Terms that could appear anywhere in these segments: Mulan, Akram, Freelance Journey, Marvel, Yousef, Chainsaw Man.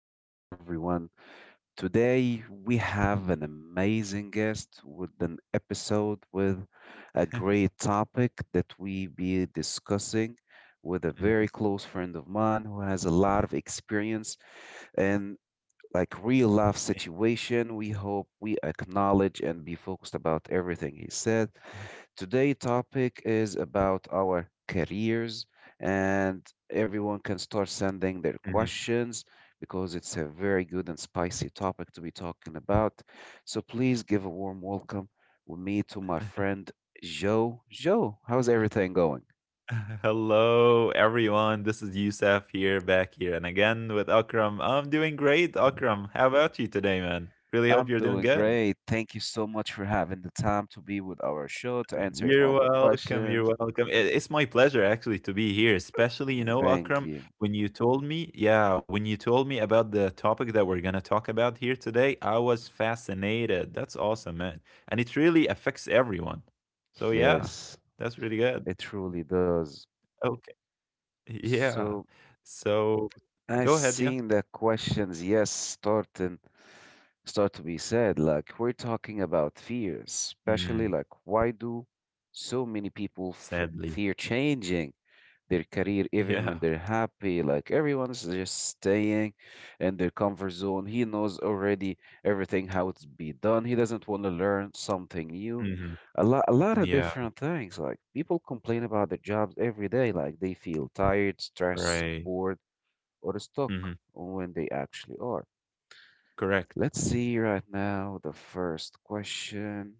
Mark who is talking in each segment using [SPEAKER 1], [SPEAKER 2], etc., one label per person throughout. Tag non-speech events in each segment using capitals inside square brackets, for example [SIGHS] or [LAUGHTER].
[SPEAKER 1] back, everyone. Today we have an amazing guest with an episode with a great topic that we be discussing with a very
[SPEAKER 2] Mhm,
[SPEAKER 1] close friend of mine who has a lot of experience like real life situation. We hope we acknowledge and be focused about everything he said.
[SPEAKER 2] mhm,
[SPEAKER 1] Today topic is about our careers and everyone can start sending their
[SPEAKER 2] [LAUGHS]
[SPEAKER 1] questions because it's a very good and spicy topic to be talking about. So please give a warm welcome with me to my friend Joe. Joe, how's everything going?
[SPEAKER 2] Hello, everyone. This is Yousef here, back here, and again with Akram. I'm doing great, Akram. How about you today, man? Really hope
[SPEAKER 1] I'm
[SPEAKER 2] you're doing
[SPEAKER 1] doing
[SPEAKER 2] good.
[SPEAKER 1] great. Thank you so much for having the time to be with our show to answering
[SPEAKER 2] You're
[SPEAKER 1] all the
[SPEAKER 2] welcome.
[SPEAKER 1] questions.
[SPEAKER 2] You're welcome. It's my pleasure actually to be here, especially
[SPEAKER 1] Thank
[SPEAKER 2] Akram,
[SPEAKER 1] you.
[SPEAKER 2] when you told me, yeah, when you told me about the topic that we're gonna talk about here today, I was
[SPEAKER 1] Mhm.
[SPEAKER 2] fascinated. That's awesome, man, and it really affects everyone. So yeah,
[SPEAKER 1] Yes,
[SPEAKER 2] that's really good.
[SPEAKER 1] it truly does.
[SPEAKER 2] Oh,
[SPEAKER 1] So
[SPEAKER 2] yeah. So
[SPEAKER 1] I
[SPEAKER 2] go ahead, yeah.
[SPEAKER 1] seen the questions, yes, starting start to be said. Like we're talking about fear, especially
[SPEAKER 2] Mm,
[SPEAKER 1] like why do so many people f
[SPEAKER 2] sadly.
[SPEAKER 1] fear changing their career even
[SPEAKER 2] Yeah.
[SPEAKER 1] when they're happy? Like everyone's just staying in their comfort zone, he knows already everything how it's be done, he doesn't want to learn something new,
[SPEAKER 2] Mhm.
[SPEAKER 1] a lot of
[SPEAKER 2] Yeah,
[SPEAKER 1] different things. Like people complain about their jobs every day, like they feel tired, stressed,
[SPEAKER 2] right.
[SPEAKER 1] bored or
[SPEAKER 2] Mhm.
[SPEAKER 1] stuck when they actually are.
[SPEAKER 2] Correct.
[SPEAKER 1] Let's see right now the first question.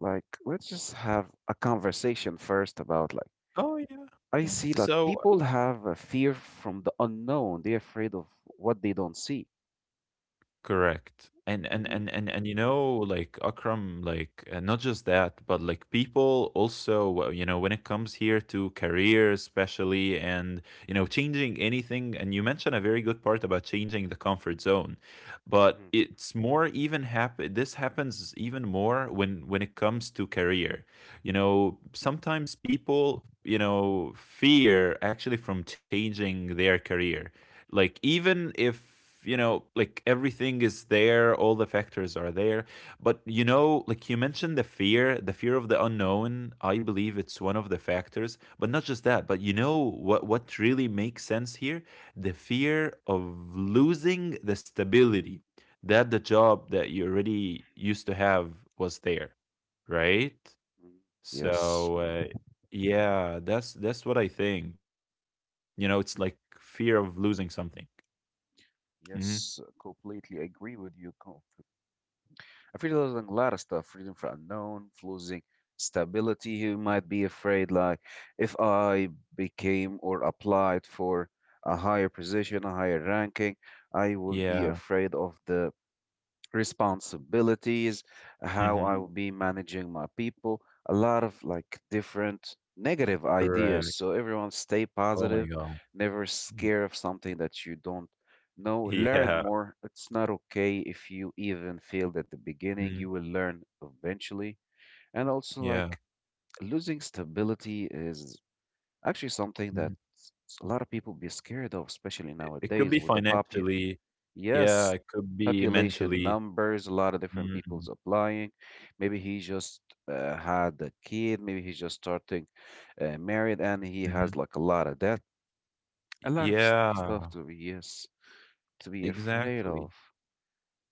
[SPEAKER 1] Like let's just have a conversation first about like
[SPEAKER 2] Oh yeah,
[SPEAKER 1] I
[SPEAKER 2] yeah.
[SPEAKER 1] see like
[SPEAKER 2] So
[SPEAKER 1] people have a fear from the unknown. They're afraid of what they don't see.
[SPEAKER 2] correct. And and
[SPEAKER 1] Hmm.
[SPEAKER 2] and and and like Akram, like not just that, but like people also, when it comes here to career, especially, and changing anything. And you mentioned a very good part about changing the comfort zone, but
[SPEAKER 1] Hmm.
[SPEAKER 2] it's more even happen. This happens even more when it comes to career. You know, sometimes people, fear actually from changing their career like even if like everything is there, all the factors are there, but like you mentioned the fear, the fear of the unknown. I believe it's one of the factors, but not just that. But what really makes sense here, the fear of losing the stability that the job that you already used to have was there, right?
[SPEAKER 1] Yes.
[SPEAKER 2] So yeah, that's what I think. It's like fear of losing something. Mhm.
[SPEAKER 1] Yes, completely agree with you. I feel like a lot of stuff, freedom from unknown, losing stability. You might be afraid, like, if I became or applied for a higher position, a higher ranking, I would be
[SPEAKER 2] Yeah.
[SPEAKER 1] afraid of the responsibilities, how
[SPEAKER 2] Mhm.
[SPEAKER 1] I will be managing my people, a lot of like different negative ideas.
[SPEAKER 2] Correct.
[SPEAKER 1] So everyone stay
[SPEAKER 2] Oh
[SPEAKER 1] positive,
[SPEAKER 2] my god.
[SPEAKER 1] never
[SPEAKER 2] Y
[SPEAKER 1] scared of something that you don't know. Learn
[SPEAKER 2] yeah.
[SPEAKER 1] more. It's not okay if you even failed at the beginning,
[SPEAKER 2] Mhm.
[SPEAKER 1] you will learn eventually. And also
[SPEAKER 2] Yeah.
[SPEAKER 1] like losing stability is actually something that
[SPEAKER 2] Mhm.
[SPEAKER 1] a lot of people be scared of, especially
[SPEAKER 2] It could
[SPEAKER 1] nowadays
[SPEAKER 2] be
[SPEAKER 1] with the pop
[SPEAKER 2] financially. Yeah,
[SPEAKER 1] Yes,
[SPEAKER 2] it could be
[SPEAKER 1] population
[SPEAKER 2] mentally.
[SPEAKER 1] numbers, a lot of different
[SPEAKER 2] Mhm.
[SPEAKER 1] people's applying. Maybe he just had a kid, maybe he's just starting married, and he
[SPEAKER 2] Mhm.
[SPEAKER 1] has like a lot of debt,
[SPEAKER 2] Y
[SPEAKER 1] a lot of st stuff
[SPEAKER 2] yeah.
[SPEAKER 1] to be, yes, to be afraid
[SPEAKER 2] Exactly.
[SPEAKER 1] of.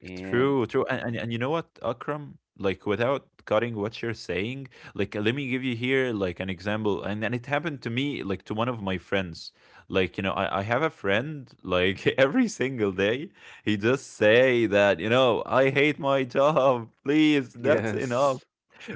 [SPEAKER 1] And
[SPEAKER 2] True, true. And, and what, Akram?
[SPEAKER 1] Mhm.
[SPEAKER 2] Like without cutting what you're saying, like let me give you here like an example. And it happened to me, like to one of my friends. Like, you know, I have a friend, like [LAUGHS] every single day, he just say that, you know, I hate my job. Please, that's enough.
[SPEAKER 1] [LAUGHS] yes,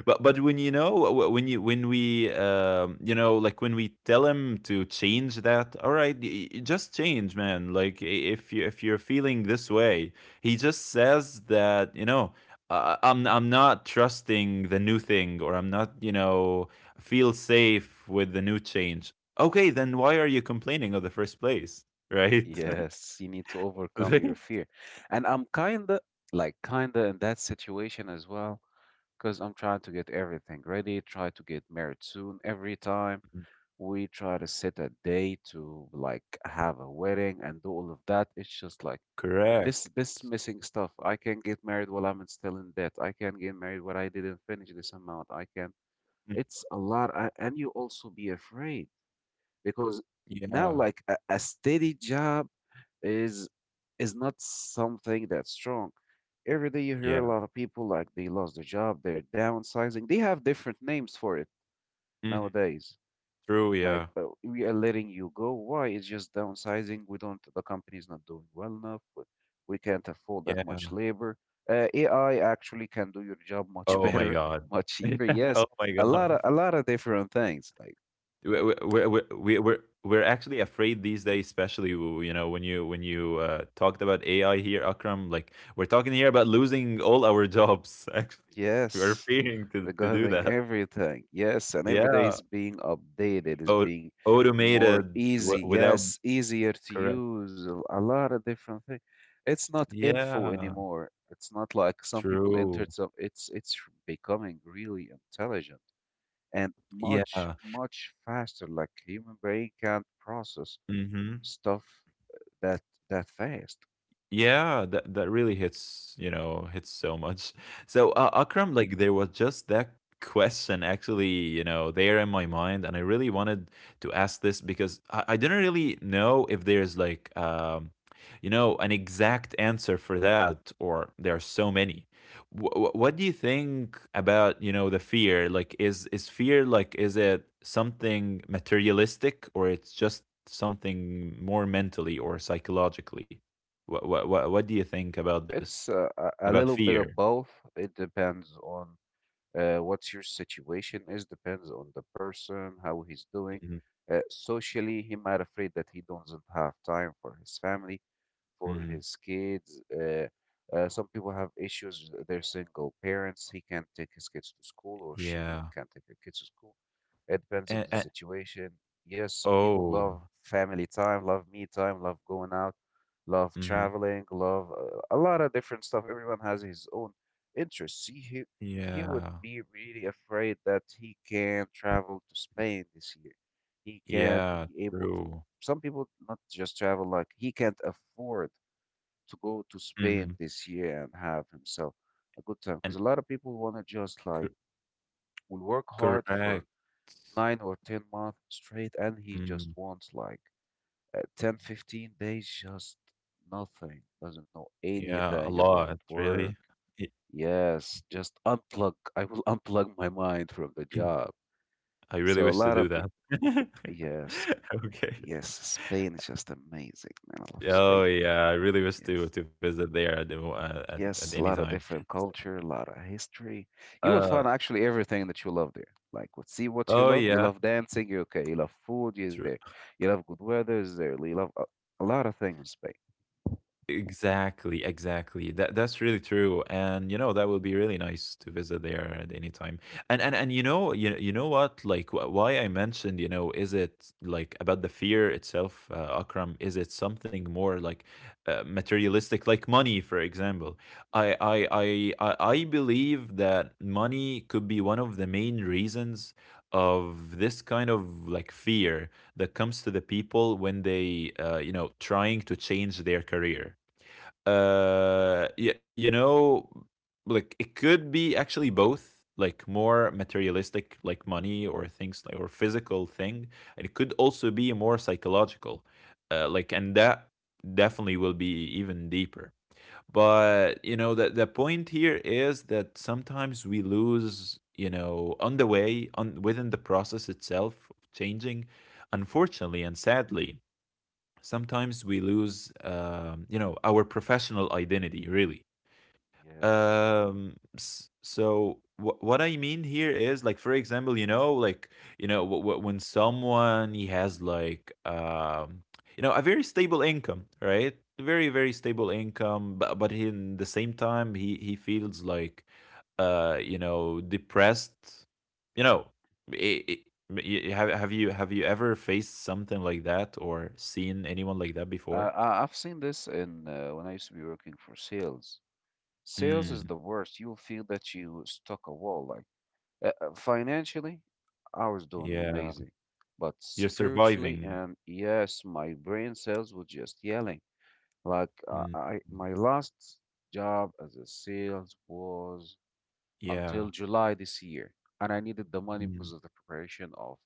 [SPEAKER 2] But when when you when we like when we tell him to change that, all right, just change, man. Like if you, if you're feeling this way, he just says that, I'm not trusting the new thing, or I'm not feel safe with the new change. Okay, then why are you complaining in the first place, right? [LAUGHS]
[SPEAKER 1] yes, you need to overcome
[SPEAKER 2] Like,
[SPEAKER 1] your fear. And I'm kinda in that situation as well, because I'm trying to get everything ready, try to get married soon every time. We try to set a day to like have a wedding and do all of that. It's just like
[SPEAKER 2] correct.
[SPEAKER 1] this missing stuff. I can get married while I'm still in debt, I can get married while I didn't finish this amount, I can.
[SPEAKER 2] Mm,
[SPEAKER 1] It's a lot. And you also be afraid because now
[SPEAKER 2] yeah,
[SPEAKER 1] like a steady job is is not something that's strong. Every day you hear a
[SPEAKER 2] yeah.
[SPEAKER 1] lot of people like they lost their job, they're downsizing. They have different names for it
[SPEAKER 2] Mhm.
[SPEAKER 1] nowadays.
[SPEAKER 2] True,
[SPEAKER 1] Like,
[SPEAKER 2] yeah.
[SPEAKER 1] we are letting you go. Why? It's just downsizing. We don't, The company's not doing well enough. We can't afford that
[SPEAKER 2] Yeah.
[SPEAKER 1] much labor. AI actually can do your job much [LAUGHS]
[SPEAKER 2] Oh my
[SPEAKER 1] better,
[SPEAKER 2] god.
[SPEAKER 1] much cheaper.
[SPEAKER 2] [LAUGHS]
[SPEAKER 1] Yes,
[SPEAKER 2] Oh my
[SPEAKER 1] a lot of
[SPEAKER 2] god.
[SPEAKER 1] a lot of different things. Like,
[SPEAKER 2] We're we're actually afraid these days, especially, w you know, when you, talked about AI here, Akram. Like, we're talking here about losing all our jobs, [LAUGHS] actually. We're
[SPEAKER 1] yes,
[SPEAKER 2] fearing to do
[SPEAKER 1] regarding
[SPEAKER 2] that.
[SPEAKER 1] everything. Yes, and every day
[SPEAKER 2] Yeah.
[SPEAKER 1] is being updated, is
[SPEAKER 2] Au
[SPEAKER 1] being more
[SPEAKER 2] Automated wi
[SPEAKER 1] easy.
[SPEAKER 2] without
[SPEAKER 1] Yes, easier to
[SPEAKER 2] correct.
[SPEAKER 1] use, a lot of different things. It's not info
[SPEAKER 2] Yeah.
[SPEAKER 1] anymore. It's not like some people
[SPEAKER 2] True.
[SPEAKER 1] entered some. It's becoming really intelligent and
[SPEAKER 2] Yeah.
[SPEAKER 1] much faster. Like human brain can't process
[SPEAKER 2] Mhm.
[SPEAKER 1] stuff that that fast.
[SPEAKER 2] Yeah, that that really hits, you know, hits so much. So
[SPEAKER 1] Mhm.
[SPEAKER 2] Akram, like there was just that question actually, you know, there in my mind, and I really wanted to ask this because I didn't really know if there's like, you know, an exact answer for that, or there are so many. What do you think about, you know, the fear? Like, is fear like, is it something materialistic, or it's just something more mentally or psychologically? What do you think about this?
[SPEAKER 1] It's a
[SPEAKER 2] About
[SPEAKER 1] little bit
[SPEAKER 2] fear?
[SPEAKER 1] of both. It depends on what's your situation is, depends on the person how he's doing
[SPEAKER 2] Mhm,
[SPEAKER 1] socially. He might afraid that he doesn't have time for his family, for
[SPEAKER 2] mhm.
[SPEAKER 1] his kids. Some people have issues, they're single parents, he can't take his kids to school or she even
[SPEAKER 2] Yeah.
[SPEAKER 1] can't take her kids to school. It depends on the
[SPEAKER 2] And
[SPEAKER 1] situation. Yes, some people love
[SPEAKER 2] oh.
[SPEAKER 1] family time, love me time, love going out, love
[SPEAKER 2] Mhm.
[SPEAKER 1] traveling, love a lot of different stuff. Everyone has his own interests. He would
[SPEAKER 2] Yeah.
[SPEAKER 1] be really afraid that he can't travel to Spain this year. He can't
[SPEAKER 2] Yeah,
[SPEAKER 1] be able to.
[SPEAKER 2] true.
[SPEAKER 1] Some people not just travel, like he can't afford to go to Spain
[SPEAKER 2] Mhm.
[SPEAKER 1] this year and have himself a good time.
[SPEAKER 2] And
[SPEAKER 1] Because a lot of people want to just
[SPEAKER 2] co
[SPEAKER 1] like will work hard for
[SPEAKER 2] Correct.
[SPEAKER 1] 9 or 10 months straight, and he just
[SPEAKER 2] Mm,
[SPEAKER 1] wants like 10, 15 days, just nothing, doesn't know
[SPEAKER 2] yeah, a
[SPEAKER 1] anything about
[SPEAKER 2] lot,
[SPEAKER 1] work.
[SPEAKER 2] really. Y-
[SPEAKER 1] Yes, just unplug. I will [LAUGHS] unplug my mind from the
[SPEAKER 2] [CLEARS THROAT]
[SPEAKER 1] job.
[SPEAKER 2] I really
[SPEAKER 1] So a
[SPEAKER 2] wish to
[SPEAKER 1] lot
[SPEAKER 2] do
[SPEAKER 1] of,
[SPEAKER 2] that. [LAUGHS]
[SPEAKER 1] yes,
[SPEAKER 2] Okay.
[SPEAKER 1] yes, Spain is just amazing, man. I love
[SPEAKER 2] Oh,
[SPEAKER 1] Spain.
[SPEAKER 2] yeah, I really wish to
[SPEAKER 1] Yes.
[SPEAKER 2] visit there at the w at
[SPEAKER 1] Yes,
[SPEAKER 2] any
[SPEAKER 1] a lot of
[SPEAKER 2] time.
[SPEAKER 1] different culture, a lot of history. You will
[SPEAKER 2] Uh,
[SPEAKER 1] find actually everything that you love there. Like, see what you
[SPEAKER 2] oh,
[SPEAKER 1] love. You
[SPEAKER 2] yeah,
[SPEAKER 1] love dancing, you're okay. You love food, you're
[SPEAKER 2] true.
[SPEAKER 1] there. You love good weather, is there. You love a lot of things in Spain.
[SPEAKER 2] Exactly, exactly.
[SPEAKER 1] Mm.
[SPEAKER 2] That that's really true. And you know, that would be really nice to visit there at any time. And you know, you know what? Like why I mentioned, you know, is it like about the fear itself, Akram? Is it something more like materialistic, like money, for example? I believe that money could be one of the main reasons of this kind of like fear that comes to the people when they you know, trying to change their career. You know, like it could be actually both, like more materialistic, like money or things like, or physical thing, and it could also be more psychological, like, and that definitely will be even deeper. But you know, the point here is that sometimes we lose, you know, on the way, on within the process itself of changing, unfortunately and sadly. Sometimes we lose, you know, our professional identity, really.
[SPEAKER 1] Yes.
[SPEAKER 2] So what I mean here is like, for example, you know, like, you know, when someone, he has like, you know, a very stable income, right? Very very stable income. But he, in the same time, he feels like, you know, depressed. You know, I have you, have you ever faced something like that or seen anyone like that before?
[SPEAKER 1] I've seen this in when I used to be working for sales. Sales is
[SPEAKER 2] Mm,
[SPEAKER 1] the worst. You'll feel that you stuck a wall. Like financially, I was doing
[SPEAKER 2] yeah.
[SPEAKER 1] amazing, but
[SPEAKER 2] You're
[SPEAKER 1] spiritually
[SPEAKER 2] surviving.
[SPEAKER 1] and yes, my brain cells were just yelling. Like
[SPEAKER 2] Hmm.
[SPEAKER 1] my last job as a sales was
[SPEAKER 2] Yeah.
[SPEAKER 1] until July this year, and I needed the money
[SPEAKER 2] Mm.
[SPEAKER 1] because of the preparation of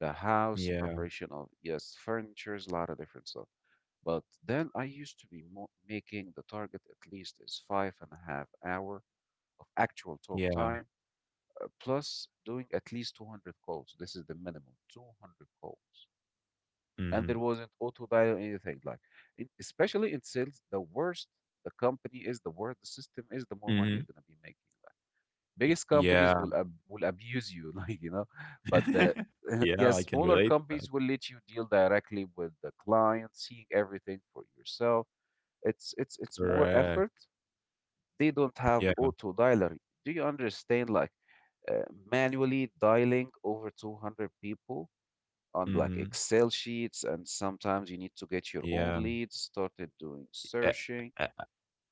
[SPEAKER 1] the house,
[SPEAKER 2] Yeah.
[SPEAKER 1] preparation of, yes, furnitures, a lot of different stuff. But then I used to be making the target. At least is five and a half hour of actual talk
[SPEAKER 2] Yeah.
[SPEAKER 1] time, plus doing at least 200 calls. This is the minimum, 200 calls. And there
[SPEAKER 2] Mhm.
[SPEAKER 1] wasn't auto dial or anything. Like, in, especially in sales, the worse the company is, the worse the system is, the more money you're
[SPEAKER 2] Mhm.
[SPEAKER 1] going to be making.
[SPEAKER 2] Y
[SPEAKER 1] Biggest companies will
[SPEAKER 2] yeah.
[SPEAKER 1] ab will abuse you, [LAUGHS] like, you know, but the
[SPEAKER 2] [LAUGHS]
[SPEAKER 1] [LAUGHS]
[SPEAKER 2] Yeah,
[SPEAKER 1] yes,
[SPEAKER 2] I can
[SPEAKER 1] smaller
[SPEAKER 2] relate to
[SPEAKER 1] companies
[SPEAKER 2] that.
[SPEAKER 1] will let you deal directly with the client, seeing everything for yourself. It's more effort.
[SPEAKER 2] Correct.
[SPEAKER 1] They don't have
[SPEAKER 2] Yeah.
[SPEAKER 1] auto dialer. Do you understand? Like manually dialing over 200 people on like
[SPEAKER 2] Mhm.
[SPEAKER 1] Excel sheets, and sometimes you need to get your own
[SPEAKER 2] Yeah.
[SPEAKER 1] leads, started doing
[SPEAKER 2] Eh,
[SPEAKER 1] searching,
[SPEAKER 2] ha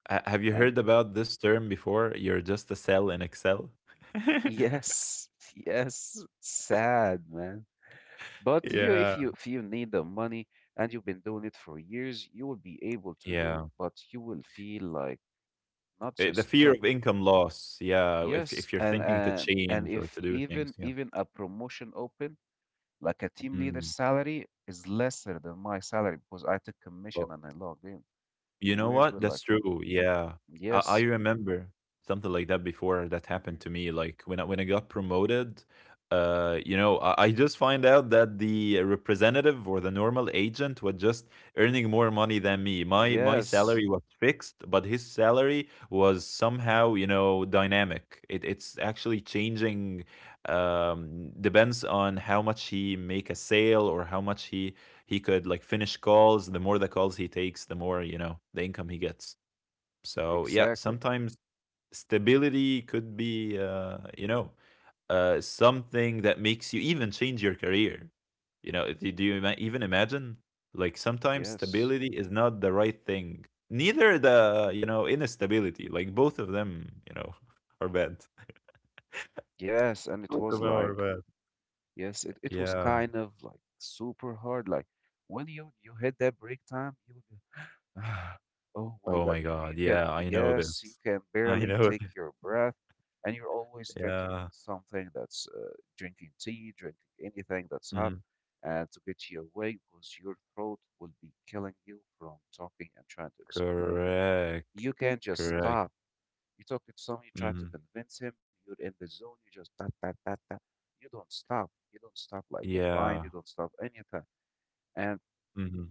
[SPEAKER 2] ha have you heard
[SPEAKER 1] and
[SPEAKER 2] about this term before? You're just a cell in Excel? [LAUGHS]
[SPEAKER 1] yes, [LAUGHS] yes, sad, man. But you,
[SPEAKER 2] Yeah.
[SPEAKER 1] if you need the money and you've been doing it for years, you will be able to do
[SPEAKER 2] Yeah.
[SPEAKER 1] it, but you will feel like not
[SPEAKER 2] Eh, the
[SPEAKER 1] just
[SPEAKER 2] fear
[SPEAKER 1] stuck.
[SPEAKER 2] of income loss. Yeah,
[SPEAKER 1] Yes,
[SPEAKER 2] if you're
[SPEAKER 1] and
[SPEAKER 2] thinking to
[SPEAKER 1] and and
[SPEAKER 2] change or
[SPEAKER 1] if
[SPEAKER 2] to do things, yeah.
[SPEAKER 1] even a promotion open, like a team leader
[SPEAKER 2] Mm.
[SPEAKER 1] salary is lesser than my salary because I took commission
[SPEAKER 2] O
[SPEAKER 1] and I logged in.
[SPEAKER 2] You know
[SPEAKER 1] We're, we're
[SPEAKER 2] what?
[SPEAKER 1] like,
[SPEAKER 2] That's true. Yeah. I
[SPEAKER 1] yes,
[SPEAKER 2] remember something like that before that
[SPEAKER 1] mhm,
[SPEAKER 2] happened to me. Like when I got promoted, you know, I just find out that the representative or the normal agent was just earning more money than me. My
[SPEAKER 1] yes,
[SPEAKER 2] salary was fixed, but his salary was somehow, you know, dynamic. It's actually changing, depends on how much he make a sale or how much he could like finish calls. The more the calls he takes, the more, you know, the income he gets. So yeah,
[SPEAKER 1] exactly.
[SPEAKER 2] sometimes stability could be, you know, something that makes you even change your career. You know, do you even imagine? Like sometimes
[SPEAKER 1] Yes,
[SPEAKER 2] stability is not the right thing, neither the, you know, instability. Like both of them, you know, [LAUGHS] are bad.
[SPEAKER 1] yes, and it
[SPEAKER 2] Both of
[SPEAKER 1] was
[SPEAKER 2] them are
[SPEAKER 1] like
[SPEAKER 2] bad.
[SPEAKER 1] yes, it was
[SPEAKER 2] Yeah.
[SPEAKER 1] kind of like super hard. Like when you hit that break time, you would be, [SIGHS] oh my
[SPEAKER 2] Oh
[SPEAKER 1] God,
[SPEAKER 2] my
[SPEAKER 1] you
[SPEAKER 2] God.
[SPEAKER 1] you can,
[SPEAKER 2] Yeah, I know
[SPEAKER 1] yes,
[SPEAKER 2] this.
[SPEAKER 1] you can
[SPEAKER 2] I
[SPEAKER 1] barely
[SPEAKER 2] know it.
[SPEAKER 1] take your breath, and you're always drinking
[SPEAKER 2] Yeah.
[SPEAKER 1] something that's drinking tea, drinking anything that's hot,
[SPEAKER 2] Mm-hmm.
[SPEAKER 1] and to get you away because your throat will be killing you from talking and trying to explain.
[SPEAKER 2] Correct.
[SPEAKER 1] You can't just
[SPEAKER 2] Correct.
[SPEAKER 1] stop, you talk to someone, you try to
[SPEAKER 2] Mhm.
[SPEAKER 1] convince him, you're in the zone, you just ta ta ta ta. You don't stop. You don't stop like the grind, you
[SPEAKER 2] Yeah.
[SPEAKER 1] don't stop anything. And
[SPEAKER 2] Mhm.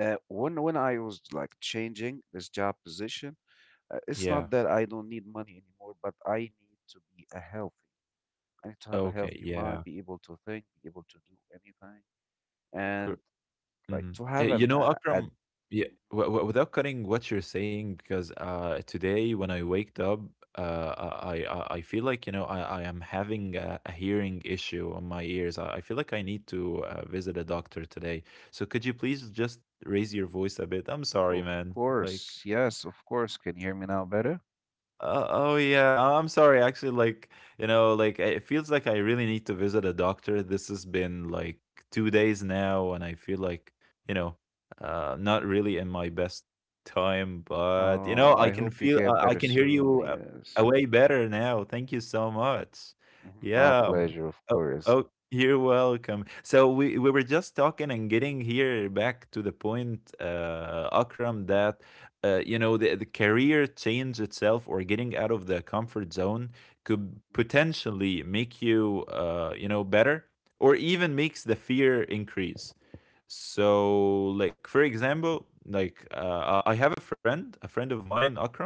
[SPEAKER 1] when I was like changing this job position, it's
[SPEAKER 2] Yeah.
[SPEAKER 1] not that I don't need money anymore, but I need to be a healthy. I need to have a
[SPEAKER 2] Okay.
[SPEAKER 1] healthy mind,
[SPEAKER 2] Yeah.
[SPEAKER 1] be able to think, be able to do anything,
[SPEAKER 2] Cor
[SPEAKER 1] and like
[SPEAKER 2] mhm.
[SPEAKER 1] to have
[SPEAKER 2] You know, Akram,
[SPEAKER 1] a
[SPEAKER 2] yeah, w w without cutting what you're saying, because today when I waked up, I feel like, you know, I am having a hearing issue on my ears. I feel like I need to visit a doctor today. So could you please just raise your voice a bit? I'm
[SPEAKER 1] of
[SPEAKER 2] sorry, man. Like.
[SPEAKER 1] course, yes, of course. Can you hear me now better?
[SPEAKER 2] Oh yeah, I'm sorry. Actually, like, you know, like it feels like I really need to visit a doctor. This has been like 2 days now, and I feel like, you know, not really in my best time. But you know,
[SPEAKER 1] Oh,
[SPEAKER 2] I
[SPEAKER 1] I
[SPEAKER 2] can
[SPEAKER 1] hope you
[SPEAKER 2] feel,
[SPEAKER 1] get
[SPEAKER 2] I
[SPEAKER 1] better
[SPEAKER 2] can hear you,
[SPEAKER 1] soon. Yes.
[SPEAKER 2] way better now. Thank you so much.
[SPEAKER 1] Mhm. My
[SPEAKER 2] Yeah.
[SPEAKER 1] pleasure, of
[SPEAKER 2] Oh,
[SPEAKER 1] course.
[SPEAKER 2] oh, you're welcome. So we were just talking and getting here back to the point, Akram, that you know, the career change itself, or getting out of the comfort zone, could potentially make you, you know, better, or even makes the fear increase. So like, for example, like, I have a friend, a friend of mine, Akram.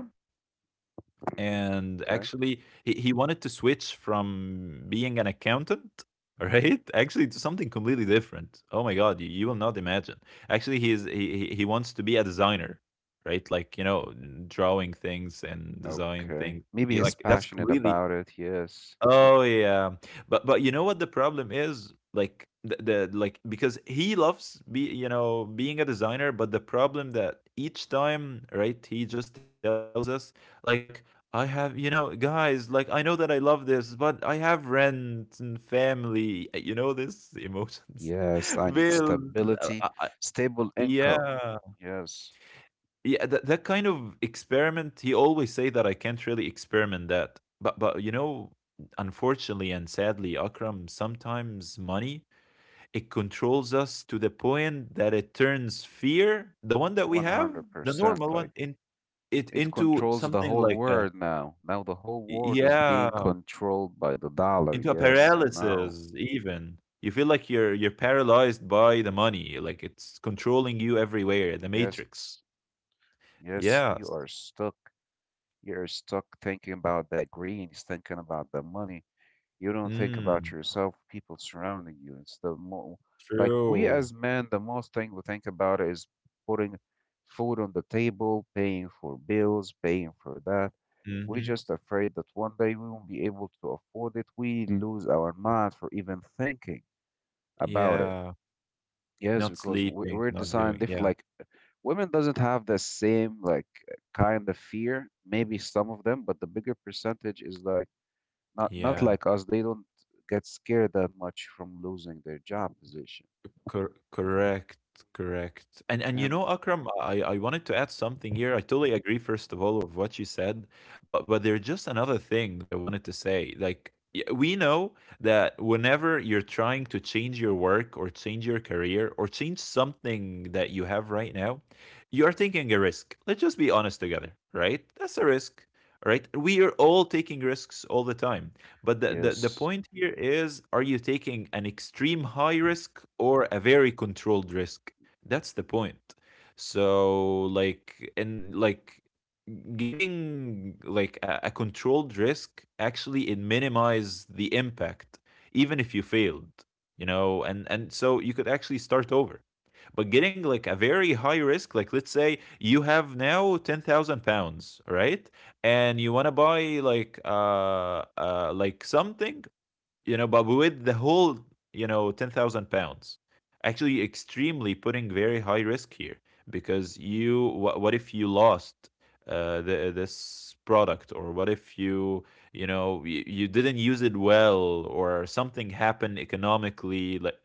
[SPEAKER 1] Mm-hmm.
[SPEAKER 2] And actually
[SPEAKER 1] Okay.
[SPEAKER 2] he wanted to switch from being an accountant [LAUGHS] right, actually, to something completely different. Oh my god, you will not imagine. Actually he is, he wants to be a designer, right? Like, you know, drawing things and design things.
[SPEAKER 1] Okay. Maybe
[SPEAKER 2] Yeah, like
[SPEAKER 1] he's
[SPEAKER 2] that's
[SPEAKER 1] passionate
[SPEAKER 2] completely.
[SPEAKER 1] about it. Yes.
[SPEAKER 2] Oh yeah, but you know what the problem is? Like the like, because he loves be you know, being a designer, but the problem that each time, right? He just tells us like, I have, you know, guys, like, I know that I love this, but I have rent and family. You know, this emotions,
[SPEAKER 1] Yes. I
[SPEAKER 2] [LAUGHS]
[SPEAKER 1] need
[SPEAKER 2] bills. uh,
[SPEAKER 1] stability,
[SPEAKER 2] uh, uh,
[SPEAKER 1] stable income.
[SPEAKER 2] yeah,
[SPEAKER 1] Yes.
[SPEAKER 2] yeah, that, that kind of experiment he always say that I can't really experiment that. But you know, unfortunately and sadly, Akram, sometimes money, it controls us to the point that it turns fear, the one that we have, the
[SPEAKER 1] 100%.
[SPEAKER 2] normal
[SPEAKER 1] Like
[SPEAKER 2] one in, it
[SPEAKER 1] it
[SPEAKER 2] into
[SPEAKER 1] controls the
[SPEAKER 2] something
[SPEAKER 1] whole
[SPEAKER 2] like a,
[SPEAKER 1] world now. Now the whole world is
[SPEAKER 2] yeah,
[SPEAKER 1] being controlled by the dollar.
[SPEAKER 2] into a
[SPEAKER 1] Yes. I know.
[SPEAKER 2] paralysis. Even you feel like you're paralyzed by the money, like it's controlling you everywhere, the
[SPEAKER 1] Yes.
[SPEAKER 2] matrix.
[SPEAKER 1] Yes. You are
[SPEAKER 2] Yes.
[SPEAKER 1] stuck. You're stuck thinking about that green, thinking about the money. You don't think about
[SPEAKER 2] Mm,
[SPEAKER 1] yourself, people surrounding you. It's the mo like we
[SPEAKER 2] true.
[SPEAKER 1] as men, the most thing we think about is putting food on the table, paying for bills, paying for that. We're
[SPEAKER 2] Mhm.
[SPEAKER 1] just afraid that one day we won't be able to afford it. We lose our mind for even thinking about it.
[SPEAKER 2] Yeah.
[SPEAKER 1] Yes,
[SPEAKER 2] Not
[SPEAKER 1] because
[SPEAKER 2] sleeping,
[SPEAKER 1] we're
[SPEAKER 2] not doing,
[SPEAKER 1] designed different.
[SPEAKER 2] yeah,
[SPEAKER 1] Like women doesn't have the same like kind of fear. Maybe some of them, but the bigger percentage is like not
[SPEAKER 2] yeah.
[SPEAKER 1] like us. They don't get scared that much from losing their job position.
[SPEAKER 2] Correct, correct. And you
[SPEAKER 1] And
[SPEAKER 2] know, Akram, I wanted to add something here. I totally agree, first of all, of what you said, but there's just another thing that I wanted to say. Like, we know that whenever you're trying to change your work or change your career or change something that you have right now, you're taking a risk. Let's just be honest together, right? That's a risk, right? We are all taking risks all the time. But the
[SPEAKER 1] yes,
[SPEAKER 2] point here is are you taking an extreme high risk or a very controlled risk? That's the point. So like and like Getting like a controlled risk actually it minimize the impact even if you failed you know, and so you could actually start over. But getting like a very high risk, like let's say you have now £10,000, right? And you want to buy like something, you know, but with the whole, you know, £10,000, actually extremely putting very high risk here. Because you, what if you lost this product, or what if you, you know, you didn't use it well, or something happened economically? Like,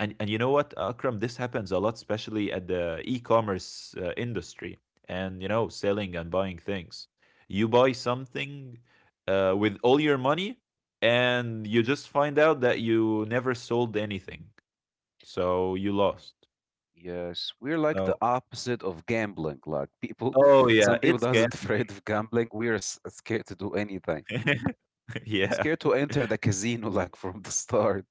[SPEAKER 2] and you know what, Akram, this happens a lot, especially at the e commerce industry, and, you know, selling and buying things. You buy something with all your money and you just find out that you never sold anything, so you lost.
[SPEAKER 1] yes, we're like the
[SPEAKER 2] So
[SPEAKER 1] opposite of gambling. Like people,
[SPEAKER 2] oh
[SPEAKER 1] [LAUGHS] some
[SPEAKER 2] yeah,
[SPEAKER 1] people
[SPEAKER 2] it's scam.
[SPEAKER 1] doesn't [LAUGHS] afraid of gambling. We're scared to do anything.
[SPEAKER 2] [LAUGHS]
[SPEAKER 1] We're
[SPEAKER 2] Yeah.
[SPEAKER 1] scared to enter the casino like from the [LAUGHS] start.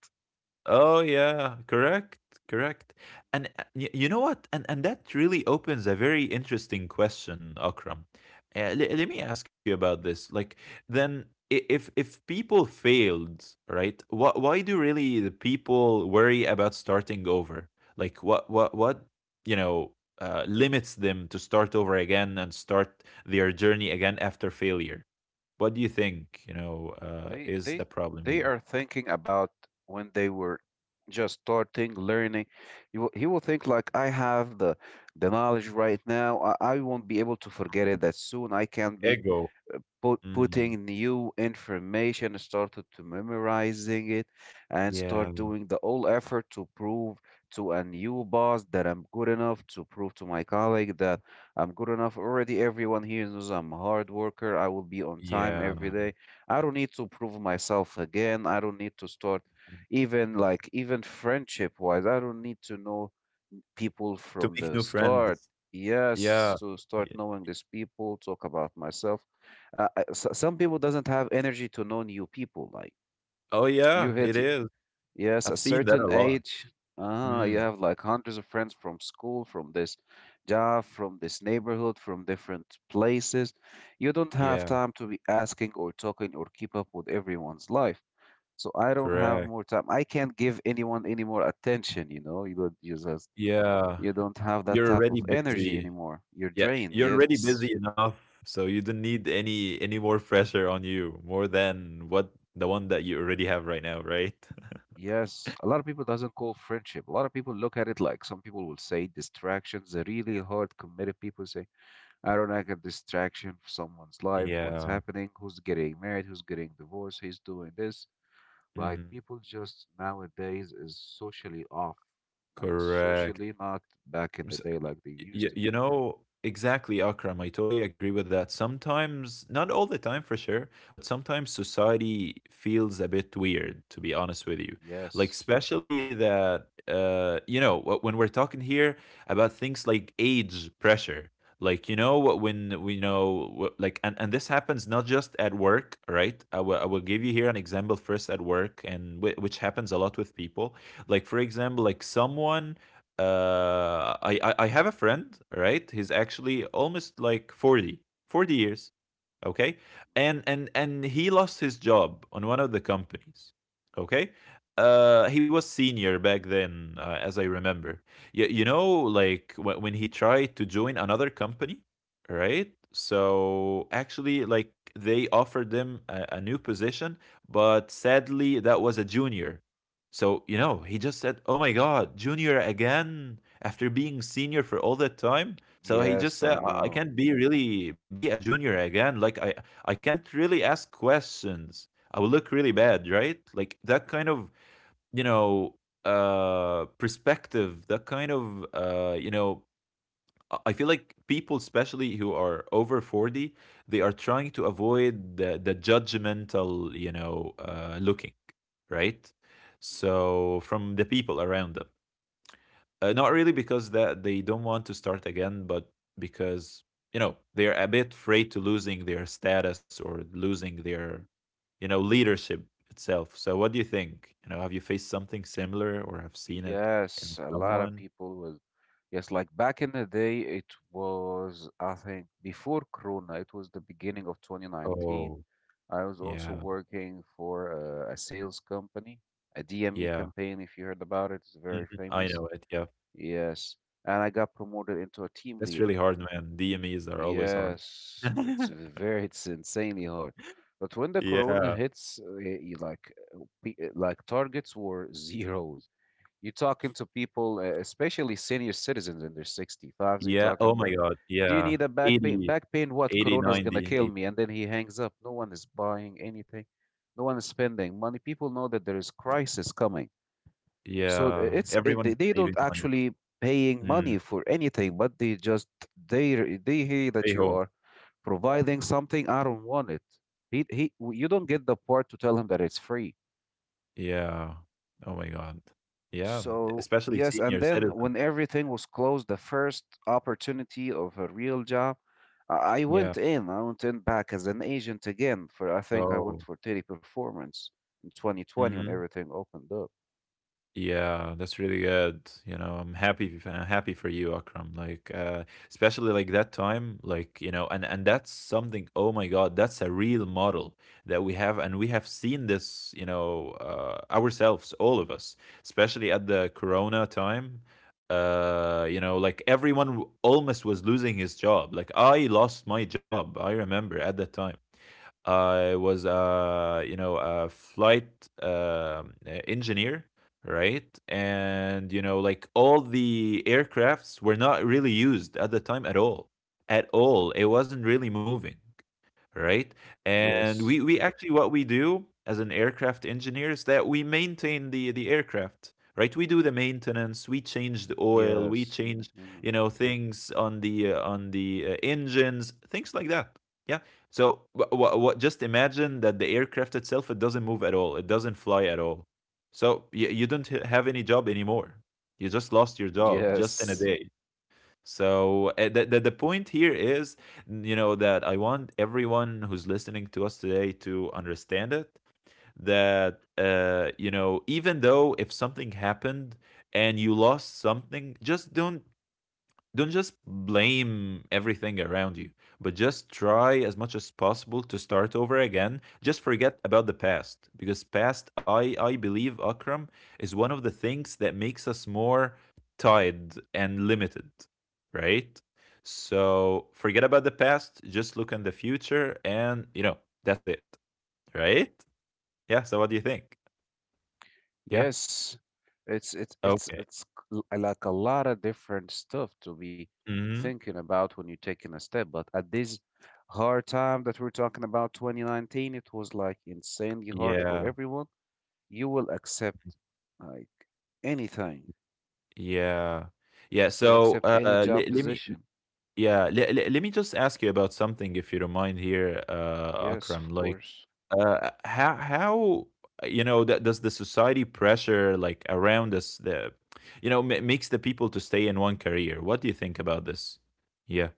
[SPEAKER 2] Oh yeah, correct, correct. And you know what? And That really opens a very interesting question, Akram. Let me ask you about this. Like, then if people failed, right? Why do really the people worry about starting over? Like, what you know limits them to start over again and start their journey again after failure? What do you think? You know,
[SPEAKER 1] They
[SPEAKER 2] is
[SPEAKER 1] they
[SPEAKER 2] the problem
[SPEAKER 1] they
[SPEAKER 2] here?
[SPEAKER 1] are thinking about when they were just starting learning. You will, he will think like I have the knowledge right now. I won't be able to forget it that soon. I can be
[SPEAKER 2] Ego. Mm-hmm.
[SPEAKER 1] putting new information, started to memorizing it, and
[SPEAKER 2] Yeah,
[SPEAKER 1] start doing the all effort to prove to a new boss that I'm good enough, to prove to my colleague that I'm good enough. Already everyone here knows I'm a hard worker. I will be on time
[SPEAKER 2] yeah.
[SPEAKER 1] every day. I don't need to prove myself again. I don't need to start
[SPEAKER 2] Mm.
[SPEAKER 1] even like even friendship wise. I don't need to know people
[SPEAKER 2] To
[SPEAKER 1] from
[SPEAKER 2] make new
[SPEAKER 1] the start.
[SPEAKER 2] friends. Yeah.
[SPEAKER 1] Yes, to start
[SPEAKER 2] Ye
[SPEAKER 1] knowing these people, talk about myself. Uh, uh, some people doesn't have energy to know new people. Like
[SPEAKER 2] Oh, yeah,
[SPEAKER 1] you
[SPEAKER 2] it
[SPEAKER 1] hit,
[SPEAKER 2] is.
[SPEAKER 1] yes, a
[SPEAKER 2] I've seen that a
[SPEAKER 1] certain
[SPEAKER 2] lot.
[SPEAKER 1] age. You
[SPEAKER 2] Mm,
[SPEAKER 1] have like hundreds of friends from school, from this job, from this neighborhood, from different places. You don't
[SPEAKER 2] yeah,
[SPEAKER 1] have time to be asking or talking or keep up with everyone's life. So I don't have
[SPEAKER 2] correct.
[SPEAKER 1] more time. I can't give anyone any more attention, you know.
[SPEAKER 2] Yeah,
[SPEAKER 1] You don't have that
[SPEAKER 2] you're
[SPEAKER 1] type
[SPEAKER 2] already
[SPEAKER 1] of energy
[SPEAKER 2] busy.
[SPEAKER 1] anymore, you're
[SPEAKER 2] Yeah,
[SPEAKER 1] drained.
[SPEAKER 2] you're already
[SPEAKER 1] Yes,
[SPEAKER 2] busy enough, so you don't need any more pressure on you more than what the one that you already have right now, right? [LAUGHS]
[SPEAKER 1] yes, a lot of people doesn't call friendship, a lot of people look at it like some people will say distractions. The really hard committed people say I don't like a distraction for someone's life, what's
[SPEAKER 2] Yeah,
[SPEAKER 1] happening, who's getting married, who's getting divorced, he's doing this. Like
[SPEAKER 2] mhm,
[SPEAKER 1] people just nowadays is socially off, like
[SPEAKER 2] correct.
[SPEAKER 1] socially not back in the day like they used to be.
[SPEAKER 2] You know, exactly, Akram. I totally agree with that. Sometimes, not all the time for sure, but sometimes society feels a bit weird, to be honest with you. Like,
[SPEAKER 1] Yes,
[SPEAKER 2] especially that, you know, when we're talking here about things like age pressure. Like you know what when we know like, and this happens not just at work, right? I will give you here an example first at work, and which happens a lot with people. Like for example like someone, I have a friend, right? He's actually almost like 40, 40 years, okay? And he lost his job on one of the companies, okay? He was senior back then, as I remember. You know, like when he tried to join another company, right? So actually, like they offered him a new position, but sadly, that was a junior. So, you know, he just said, "Oh my God, junior again after being senior for all that time." So he just
[SPEAKER 1] yes, I
[SPEAKER 2] said, I
[SPEAKER 1] know.
[SPEAKER 2] can't be really be a junior again. Like I can't really ask questions. I will look really bad," right? Like that kind of, you know, perspective, that kind of you know, I feel like people, especially who are over 40, they are trying to avoid the judgmental, you know, looking, right?
[SPEAKER 1] Mm-hmm.
[SPEAKER 2] So from the people around them. Not really because that they don't want to start again, but because, you know, they're a bit afraid to losing their status or losing their, you know, leadership itself. So what do you think? You know, have you faced something similar or have seen it
[SPEAKER 1] Yes,
[SPEAKER 2] in
[SPEAKER 1] a lot of
[SPEAKER 2] someone?
[SPEAKER 1] people was. Yes, like back in the day, it was I think before Corona, it was the beginning of 2019.
[SPEAKER 2] Oh,
[SPEAKER 1] I was also
[SPEAKER 2] yeah,
[SPEAKER 1] working for a sales company, a DME
[SPEAKER 2] yeah.
[SPEAKER 1] campaign, if you heard about it, it's very
[SPEAKER 2] Mhm. I
[SPEAKER 1] famous.
[SPEAKER 2] know it, yeah.
[SPEAKER 1] Yes, and I got promoted into a team
[SPEAKER 2] That's
[SPEAKER 1] leader.
[SPEAKER 2] really hard, man. DMEs are always hard.
[SPEAKER 1] Yes, it's
[SPEAKER 2] [LAUGHS]
[SPEAKER 1] a very, it's insanely hard. But when the Corona
[SPEAKER 2] Yeah.
[SPEAKER 1] hits, you like, like targets were [LAUGHS] zeros. You're talking to people, especially senior citizens in their 65s. You're
[SPEAKER 2] Yeah,
[SPEAKER 1] talking
[SPEAKER 2] oh
[SPEAKER 1] to
[SPEAKER 2] my
[SPEAKER 1] them.
[SPEAKER 2] god,
[SPEAKER 1] Do you
[SPEAKER 2] yeah.
[SPEAKER 1] need a back pain?
[SPEAKER 2] 80,
[SPEAKER 1] Back pain, what?
[SPEAKER 2] 80,
[SPEAKER 1] Corona's gonna
[SPEAKER 2] 90,
[SPEAKER 1] kill
[SPEAKER 2] eight.
[SPEAKER 1] me. And then he hangs up. No one is buying anything. No one is spending money. People know that there is crisis coming. So
[SPEAKER 2] Yeah.
[SPEAKER 1] it's it,
[SPEAKER 2] Everyone is
[SPEAKER 1] they
[SPEAKER 2] saving
[SPEAKER 1] don't
[SPEAKER 2] money.
[SPEAKER 1] actually paying
[SPEAKER 2] Mm,
[SPEAKER 1] money for anything, but they just they they hear
[SPEAKER 2] stay
[SPEAKER 1] that you
[SPEAKER 2] home.
[SPEAKER 1] are providing something. I don't want it. He, he, you don't get the part to tell him that it's free.
[SPEAKER 2] Yeah. Oh my god. Yeah,
[SPEAKER 1] So,
[SPEAKER 2] especially
[SPEAKER 1] yes, and
[SPEAKER 2] senior
[SPEAKER 1] then when
[SPEAKER 2] citizens.
[SPEAKER 1] everything was closed, the first opportunity of a real job, I went
[SPEAKER 2] Yeah.
[SPEAKER 1] in. I went in back as an agent again for, I think I
[SPEAKER 2] Oh.
[SPEAKER 1] went for Teddy Performance in 2020 when
[SPEAKER 2] Mhm.
[SPEAKER 1] everything opened up.
[SPEAKER 2] Yeah, that's really good. You know, I'm happy. I'm happy for you, Akram. Like, especially like that time, like you know, and that's something. Oh my God, that's a real model that we have, and we have seen this. You know, ourselves, all of us, especially at the Corona time. You know, like everyone almost was losing his job. Like I lost my job. I remember at that time. I was, you know, a flight engineer, right? And you know, like all the aircrafts were not really used at the time at all. At all. It wasn't really moving,
[SPEAKER 1] Mhm.
[SPEAKER 2] right? And
[SPEAKER 1] Yes,
[SPEAKER 2] we actually what we do as an aircraft engineer is that we maintain the aircraft, right? We do the maintenance, we change the oil,
[SPEAKER 1] yes,
[SPEAKER 2] we change
[SPEAKER 1] mm,
[SPEAKER 2] you know things on the engines, things like that. Yeah. So what just imagine that the aircraft itself it doesn't move at all, it doesn't fly at all. So you don't have any job anymore. You just lost your job just in a
[SPEAKER 1] yes.
[SPEAKER 2] day. So the point here is, you know, that I want everyone who's listening to us today to understand it. That you know, even though if something happened and you lost something, just don't just blame everything around you, but just try as much as possible to start over again. Just forget about the past, because past, I believe Akram is one of the things that makes us more tied and limited, right? So forget about the past, just look in the future, and you know that's it, right? Yeah. So what do you think? Yeah.
[SPEAKER 1] Yes, it's it's it's
[SPEAKER 2] Okay.
[SPEAKER 1] it's c- like a lot of different stuff to be
[SPEAKER 2] Hmm.
[SPEAKER 1] thinking about when you're taking a step. But at this hard time that we're talking about, 2019, it was like insanely hard for
[SPEAKER 2] Yeah.
[SPEAKER 1] everyone. You will accept like anything.
[SPEAKER 2] Yeah. Yeah.
[SPEAKER 1] You'll accept any job
[SPEAKER 2] Let me
[SPEAKER 1] position.
[SPEAKER 2] Yeah, let me just ask you about something, if you don't mind here,
[SPEAKER 1] Yes,
[SPEAKER 2] Akram.
[SPEAKER 1] of
[SPEAKER 2] Like,
[SPEAKER 1] course.
[SPEAKER 2] how you know that does the society pressure like around us the you know makes the people to stay in one career? What do you think about this? Yeah.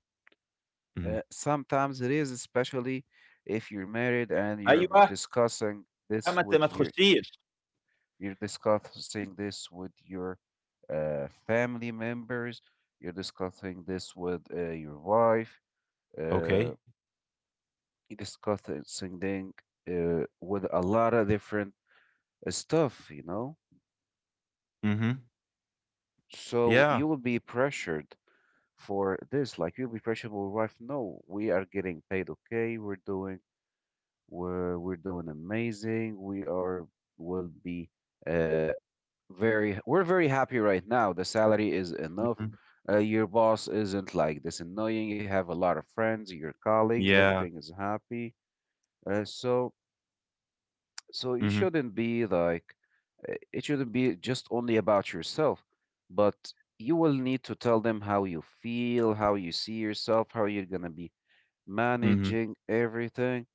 [SPEAKER 2] Mhm.
[SPEAKER 1] Sometimes it is, especially if you're married and you're
[SPEAKER 2] أيوة
[SPEAKER 1] discussing
[SPEAKER 2] لا
[SPEAKER 1] this with
[SPEAKER 2] ما
[SPEAKER 1] your
[SPEAKER 2] تخشيش.
[SPEAKER 1] you're discussing this with your family members. You're discussing this with your wife. Uh,
[SPEAKER 2] Okay.
[SPEAKER 1] you're discussing thing, with a lot of different stuff, you know?
[SPEAKER 2] Mm-hmm.
[SPEAKER 1] So you
[SPEAKER 2] Yeah.
[SPEAKER 1] will be pressured for this. Like you'll be pressured with your wife. No, we are getting paid okay. We're doing amazing. We are will be uh, very, we're very happy right now, the salary is enough,
[SPEAKER 2] Hmm.
[SPEAKER 1] your boss isn't like this annoying, you have a lot of friends, your colleagues,
[SPEAKER 2] Yeah.
[SPEAKER 1] everything is happy. uh, so so you
[SPEAKER 2] Mm-hmm.
[SPEAKER 1] shouldn't be like it shouldn't be just only about yourself, but you will need to tell them how you feel, how you see yourself, how you're going to be
[SPEAKER 2] Mm-hmm.
[SPEAKER 1] managing everything.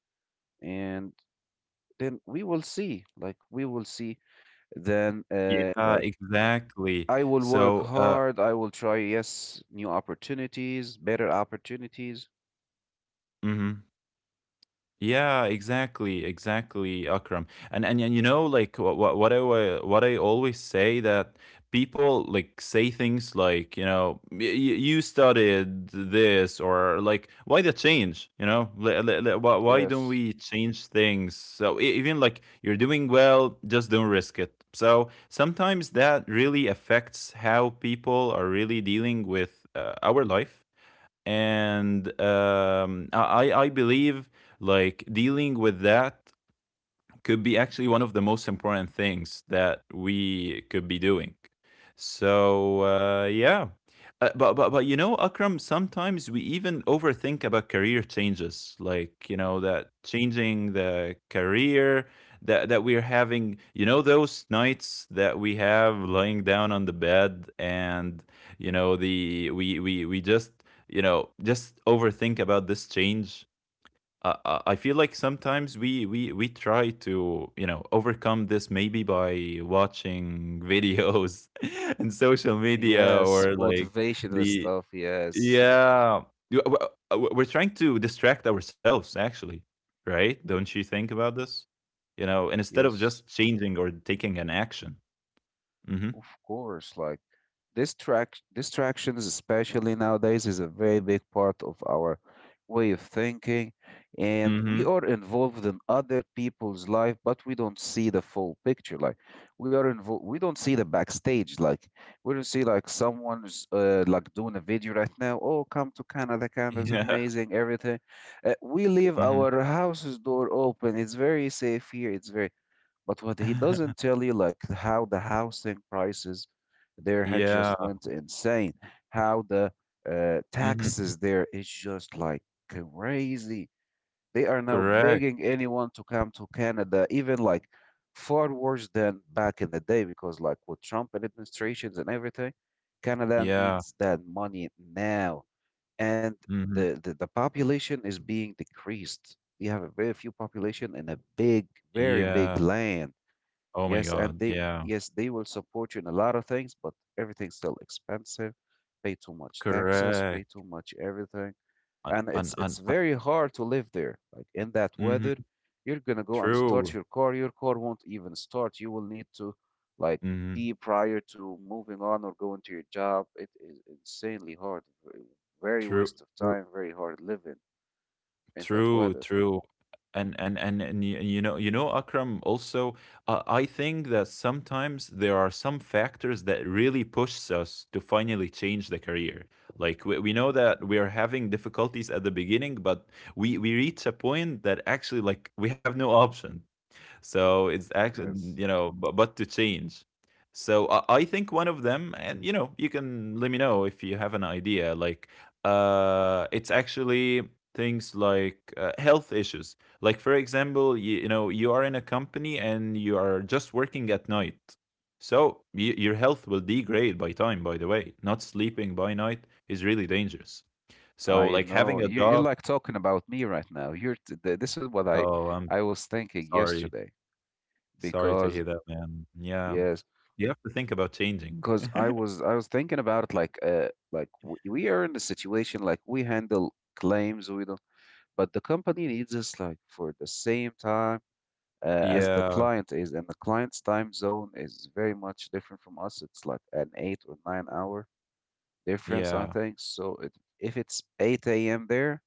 [SPEAKER 1] And then we will see, like we will see then
[SPEAKER 2] Yeah.
[SPEAKER 1] like
[SPEAKER 2] Exactly.
[SPEAKER 1] I will work
[SPEAKER 2] So.
[SPEAKER 1] hard. I will try, yes, new opportunities, better opportunities.
[SPEAKER 2] Mhm. Yeah, exactly, exactly, Akram. And you know, like what I what I always say that people like say things like you know you studied this or like why the change you know why
[SPEAKER 1] Yes.
[SPEAKER 2] don't we change things so even like you're doing well just don't risk it so sometimes that really affects how people are really dealing with our life, and I believe like dealing with that could be actually one of the most important things that we could be doing. So yeah, but you know, Akram, sometimes we even overthink about career changes, like you know
[SPEAKER 1] Mhm.
[SPEAKER 2] that changing the career that we're having. You know those nights that we have lying down on the bed, and you know the we just you know just overthink about this change. I feel like sometimes we try to you know overcome this maybe by watching videos [LAUGHS] and social media
[SPEAKER 1] Yes.
[SPEAKER 2] or like
[SPEAKER 1] Motivational
[SPEAKER 2] the
[SPEAKER 1] stuff. Yes.
[SPEAKER 2] yeah. You- w- we're trying to distract ourselves actually, right? Don't
[SPEAKER 1] Mhm.
[SPEAKER 2] you think about this, you know, instead of
[SPEAKER 1] Yes.
[SPEAKER 2] just changing or taking an action. Mm-hmm.
[SPEAKER 1] Of course. Like, distractions, especially nowadays, is a very big part of our way of thinking, and we
[SPEAKER 2] Mm-hmm.
[SPEAKER 1] are involved in other people's life, but we don't see the full picture. Like we are involved, we don't see the backstage. Like we don't see like someone's like doing a video right now. Oh, come to Canada, Canada's
[SPEAKER 2] Yeah.
[SPEAKER 1] amazing, everything. We leave
[SPEAKER 2] Mm-hmm.
[SPEAKER 1] our house's door open. It's very safe here. It's very, but what he doesn't
[SPEAKER 2] [LAUGHS]
[SPEAKER 1] tell you, like how the housing prices there had just
[SPEAKER 2] Yeah.
[SPEAKER 1] went insane, how the
[SPEAKER 2] Mm-hmm.
[SPEAKER 1] taxes there is just like crazy. They are now
[SPEAKER 2] Correct.
[SPEAKER 1] begging anyone to come to Canada, even like far worse than back in the day, because like with Trump and administrations and everything, Canada
[SPEAKER 2] Yeah.
[SPEAKER 1] needs that money now. And
[SPEAKER 2] Mm-hmm.
[SPEAKER 1] the population is being decreased. You have a very few population in a big, very big
[SPEAKER 2] Yeah.
[SPEAKER 1] land.
[SPEAKER 2] Oh my
[SPEAKER 1] Yes, and
[SPEAKER 2] god,
[SPEAKER 1] they
[SPEAKER 2] yeah.
[SPEAKER 1] yes, they will support you in a lot of things, but everything's still expensive. Pay too much taxes,
[SPEAKER 2] Correct.
[SPEAKER 1] pay too much everything.
[SPEAKER 2] Un
[SPEAKER 1] And
[SPEAKER 2] un un
[SPEAKER 1] it's
[SPEAKER 2] un.
[SPEAKER 1] very hard to live there. Like in that weather,
[SPEAKER 2] Mhm.
[SPEAKER 1] you're gonna go and start
[SPEAKER 2] True.
[SPEAKER 1] your car. Your car won't even start. You will need to like
[SPEAKER 2] Mhm.
[SPEAKER 1] be prior to moving on or going to your job. It is insanely hard. Very
[SPEAKER 2] True,
[SPEAKER 1] waste of
[SPEAKER 2] true,
[SPEAKER 1] time, very hard living in that
[SPEAKER 2] true,
[SPEAKER 1] weather.
[SPEAKER 2] true. And y you know Akram, also, I think that sometimes there are some factors that really pushes us to finally change the career. Like, we know that we are having difficulties at the beginning, but we reach a point that actually, like, we have no [LAUGHS] option. So
[SPEAKER 1] Mm.
[SPEAKER 2] it's actually,
[SPEAKER 1] Yes.
[SPEAKER 2] you know, but to change. So I think one of them, and you know, you can let me know if you have an idea. Like, it's actually things like health issues. Like, for example, you know, you are in a company and you are just working at night. So your health will degrade by time, by the way. Not sleeping by night is really dangerous. So,
[SPEAKER 1] I
[SPEAKER 2] like, having
[SPEAKER 1] know
[SPEAKER 2] a
[SPEAKER 1] you you're
[SPEAKER 2] job,
[SPEAKER 1] like talking about me right now. This is what
[SPEAKER 2] oh, I'm
[SPEAKER 1] I was thinking
[SPEAKER 2] sorry.
[SPEAKER 1] yesterday
[SPEAKER 2] Sorry to
[SPEAKER 1] because
[SPEAKER 2] hear that, man. Yeah.
[SPEAKER 1] yes,
[SPEAKER 2] You have to think about changing.
[SPEAKER 1] because
[SPEAKER 2] [LAUGHS]
[SPEAKER 1] I was thinking about it like we are in a situation like we handle claims we don't, but the company needs us like for the same time, as the
[SPEAKER 2] Yeah,
[SPEAKER 1] client is, and the client's time zone is very much different from us. It's like an 8 or 9 hour difference, I
[SPEAKER 2] yeah,
[SPEAKER 1] think. So it, if it's 8 a.m. there,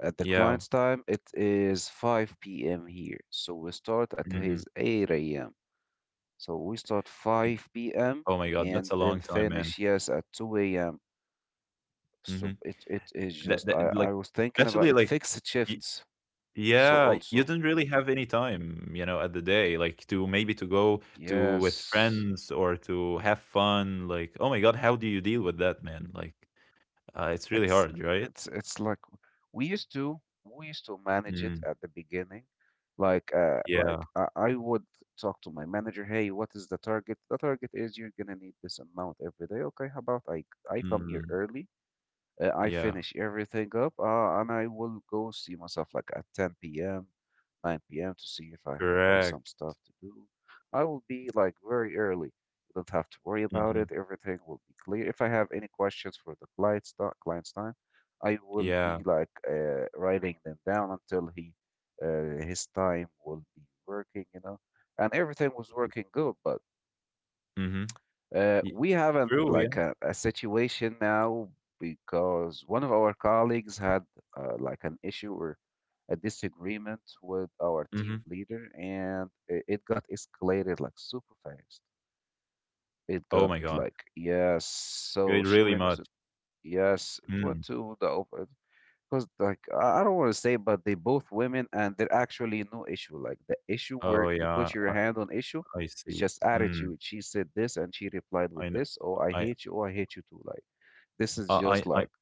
[SPEAKER 1] at the
[SPEAKER 2] yeah.
[SPEAKER 1] client's time, it is 5 p.m. here. So we start at
[SPEAKER 2] Mhm.
[SPEAKER 1] his 8 a.m. So we start 5 p.m.
[SPEAKER 2] Oh my god, that's
[SPEAKER 1] and
[SPEAKER 2] a long
[SPEAKER 1] then
[SPEAKER 2] time, man.
[SPEAKER 1] finish, yes, at 2 a.m. So
[SPEAKER 2] Mhm.
[SPEAKER 1] it is
[SPEAKER 2] That
[SPEAKER 1] just,
[SPEAKER 2] that like,
[SPEAKER 1] I was thinking about
[SPEAKER 2] especially,
[SPEAKER 1] it,
[SPEAKER 2] like,
[SPEAKER 1] fixed
[SPEAKER 2] y
[SPEAKER 1] shifts. So
[SPEAKER 2] yeah, you don't
[SPEAKER 1] also,
[SPEAKER 2] really have
[SPEAKER 1] mm,
[SPEAKER 2] any time, at the day, like, to maybe to go to with
[SPEAKER 1] yes.
[SPEAKER 2] friends or to have fun, like, oh my God, how do you deal with that, man? Like, it's really
[SPEAKER 1] it's
[SPEAKER 2] hard, right?
[SPEAKER 1] it's like we used to we used to manage it
[SPEAKER 2] Mm,
[SPEAKER 1] at the beginning,
[SPEAKER 2] yeah,
[SPEAKER 1] like I would talk to my manager, hey what is the target, the target is you're gonna need this amount every day, okay how about I come here
[SPEAKER 2] mm,
[SPEAKER 1] early, I
[SPEAKER 2] yeah,
[SPEAKER 1] finish everything up, and I will go see myself like at 10 p.m., 9 p.m. to see if I have like some
[SPEAKER 2] correct.
[SPEAKER 1] stuff to do. I will be like very early. You don't have to worry about it.
[SPEAKER 2] Mhm,
[SPEAKER 1] Everything will be clear. If I have any questions for the client's time, I will
[SPEAKER 2] yeah,
[SPEAKER 1] be like writing them down until he his time will be working, you know. And everything was working good, but
[SPEAKER 2] mhm.
[SPEAKER 1] we have an
[SPEAKER 2] True, yeah,
[SPEAKER 1] like a situation now, because one of our colleagues had like an issue or a disagreement with our team
[SPEAKER 2] mhm.
[SPEAKER 1] leader, and it got escalated like super fast. It
[SPEAKER 2] Oh
[SPEAKER 1] got
[SPEAKER 2] my God.
[SPEAKER 1] like yes, so
[SPEAKER 2] It
[SPEAKER 1] she
[SPEAKER 2] really
[SPEAKER 1] went
[SPEAKER 2] much.
[SPEAKER 1] to yes, it went
[SPEAKER 2] Mm.
[SPEAKER 1] to the over, because like I don't want to say, but they both women and they're actually no issue. Like the issue where
[SPEAKER 2] Oh
[SPEAKER 1] you
[SPEAKER 2] yeah,
[SPEAKER 1] put your
[SPEAKER 2] I
[SPEAKER 1] hand on issue
[SPEAKER 2] I
[SPEAKER 1] is
[SPEAKER 2] see.
[SPEAKER 1] just
[SPEAKER 2] Mm.
[SPEAKER 1] attitude. She said this and she replied with
[SPEAKER 2] I know.
[SPEAKER 1] this, oh I
[SPEAKER 2] I
[SPEAKER 1] hate you, oh I hate you too. Like this is just
[SPEAKER 2] I
[SPEAKER 1] like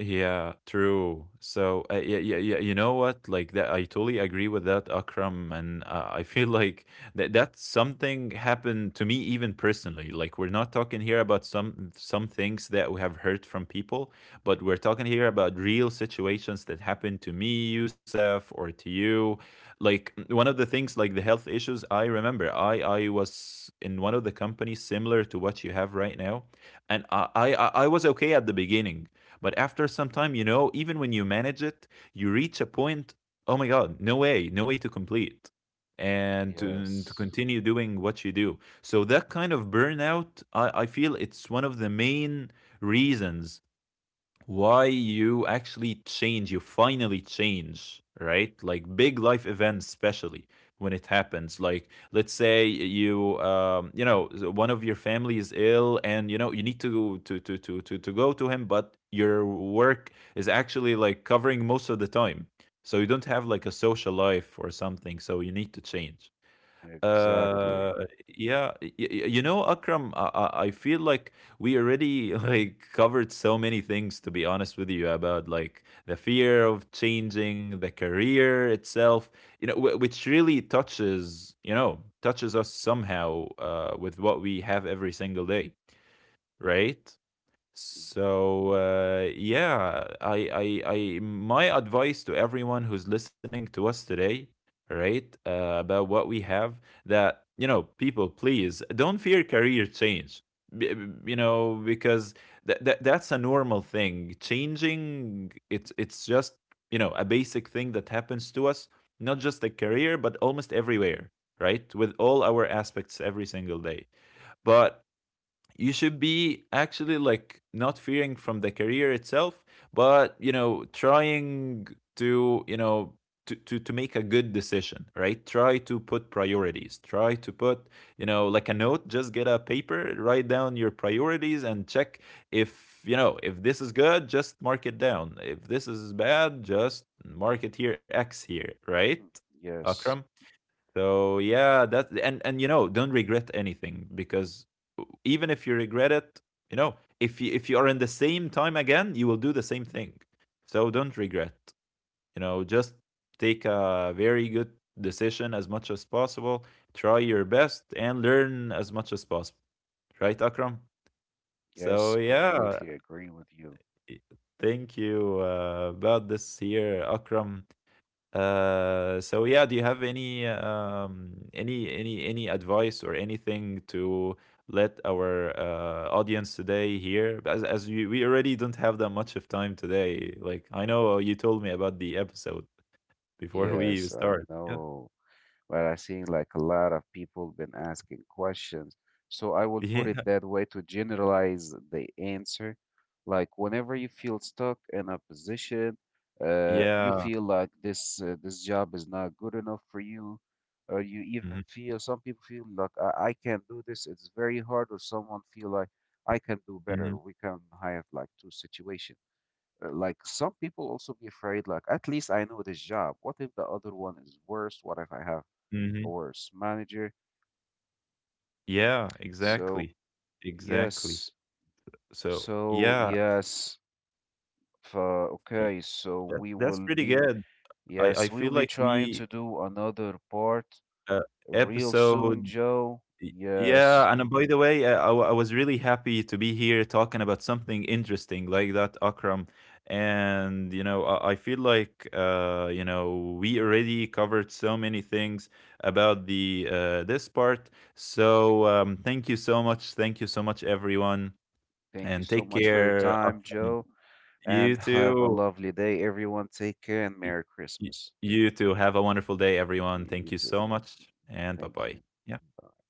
[SPEAKER 2] Yeah, true. So, yeah, yeah, yeah. You know what? Like that, I totally agree with that, Akram. And I feel [LAUGHS] like that's something happened to me even personally. Like we're not talking here about some things that we have heard from people, but we're talking here about real situations that happened to me, Yusuf, or to you. Like one of the things, like the health issues. I remember, I was in one of the companies similar to what you have right now, and I was okay at the beginning, but after some time, even when you manage it, you reach a point, oh my God, no way, no way to complete and to
[SPEAKER 1] yes,
[SPEAKER 2] continue doing what you do. So that kind of burnout, I feel it's one of the main reasons why you actually change, you finally change, right? Like big life events, especially when it happens. Like, let's say you, one of your family is ill, and you know you need to go to him, but your work is actually like covering most of the time, so you don't have like a social life or something. So you need to change.
[SPEAKER 1] exactly.
[SPEAKER 2] Uh, yeah, you know, Akram, I feel like we already [LAUGHS] like covered so many things, to be honest with you, about like the fear of changing the career itself, you know, which really touches us somehow, with what we have every single day, right? So yeah, my advice to everyone who's listening to us today, right, about what we have, that you know, people, please don't fear career change. You know, because that's a normal thing. Changing, it's just a basic thing that happens to us, not just a career, but almost everywhere, right, with all our aspects every single day. But you should be actually like not fearing from the career itself, but trying to you know to make a good decision, right? Try to put priorities, try to put, like a note. Just get a paper, write down your priorities and check if you know if this is good, just mark it down. If this is bad, just mark it here, x here, right,
[SPEAKER 1] Mhm.
[SPEAKER 2] Akram?
[SPEAKER 1] Yes.
[SPEAKER 2] So yeah, that, and don't regret anything, because even if you regret it, if you are in the same time again, you will do the same thing. So don't regret. Just take a very good decision as much as possible, try your best and learn as much as possible. Right, Akram?
[SPEAKER 1] Yes,
[SPEAKER 2] So yeah,
[SPEAKER 1] completely agree with you.
[SPEAKER 2] thank you, about this here, Akram. So yeah, do you have any advice or anything to let our audience today hear? As we already don't have that much of time today. Like I know you told me about the episode before we
[SPEAKER 1] Yes, I
[SPEAKER 2] start. Yeah,
[SPEAKER 1] know. But I see like a lot of people been asking questions. So I will put
[SPEAKER 2] yeah,
[SPEAKER 1] it that way to generalize the answer. Like whenever you feel stuck in a position, you
[SPEAKER 2] yeah,
[SPEAKER 1] feel like this job is not good enough for you, or you even
[SPEAKER 2] hmm,
[SPEAKER 1] feel, some people feel like I can't do this. It's very hard, or someone feel like I can do better.
[SPEAKER 2] hmm,
[SPEAKER 1] We can have like two situation. Like some people also be afraid, like at least I know this job. What if the other one is worse? What if I have
[SPEAKER 2] hmm,
[SPEAKER 1] a worse manager?
[SPEAKER 2] yeah.
[SPEAKER 1] So
[SPEAKER 2] Exactly, exactly.
[SPEAKER 1] yes,
[SPEAKER 2] So
[SPEAKER 1] so
[SPEAKER 2] yeah,
[SPEAKER 1] yes.
[SPEAKER 2] y-
[SPEAKER 1] Okay, so
[SPEAKER 2] that,
[SPEAKER 1] we
[SPEAKER 2] that's
[SPEAKER 1] will
[SPEAKER 2] pretty
[SPEAKER 1] be
[SPEAKER 2] good. I
[SPEAKER 1] yes, we'll
[SPEAKER 2] feel
[SPEAKER 1] be
[SPEAKER 2] like
[SPEAKER 1] trying
[SPEAKER 2] we.
[SPEAKER 1] to do another part
[SPEAKER 2] Uh,
[SPEAKER 1] real soon,
[SPEAKER 2] episode.
[SPEAKER 1] Joe. Yes.
[SPEAKER 2] Yeah, and by the way, I was really happy to be here talking about something interesting like that, Akram. And I feel like we already covered so many things about the this part. So thank you so much, thank you so much, everyone,
[SPEAKER 1] Thank you
[SPEAKER 2] and
[SPEAKER 1] so
[SPEAKER 2] take
[SPEAKER 1] much for your
[SPEAKER 2] care,
[SPEAKER 1] time,
[SPEAKER 2] Akram.
[SPEAKER 1] Joe.
[SPEAKER 2] You
[SPEAKER 1] And have a
[SPEAKER 2] too.
[SPEAKER 1] lovely day, everyone. Take care and
[SPEAKER 2] Y-
[SPEAKER 1] Merry
[SPEAKER 2] y-
[SPEAKER 1] Christmas.
[SPEAKER 2] You too. Have a wonderful day, everyone. Thank
[SPEAKER 1] You
[SPEAKER 2] you
[SPEAKER 1] too.
[SPEAKER 2] so much, and bye
[SPEAKER 1] Thank
[SPEAKER 2] bye.
[SPEAKER 1] you. Bye.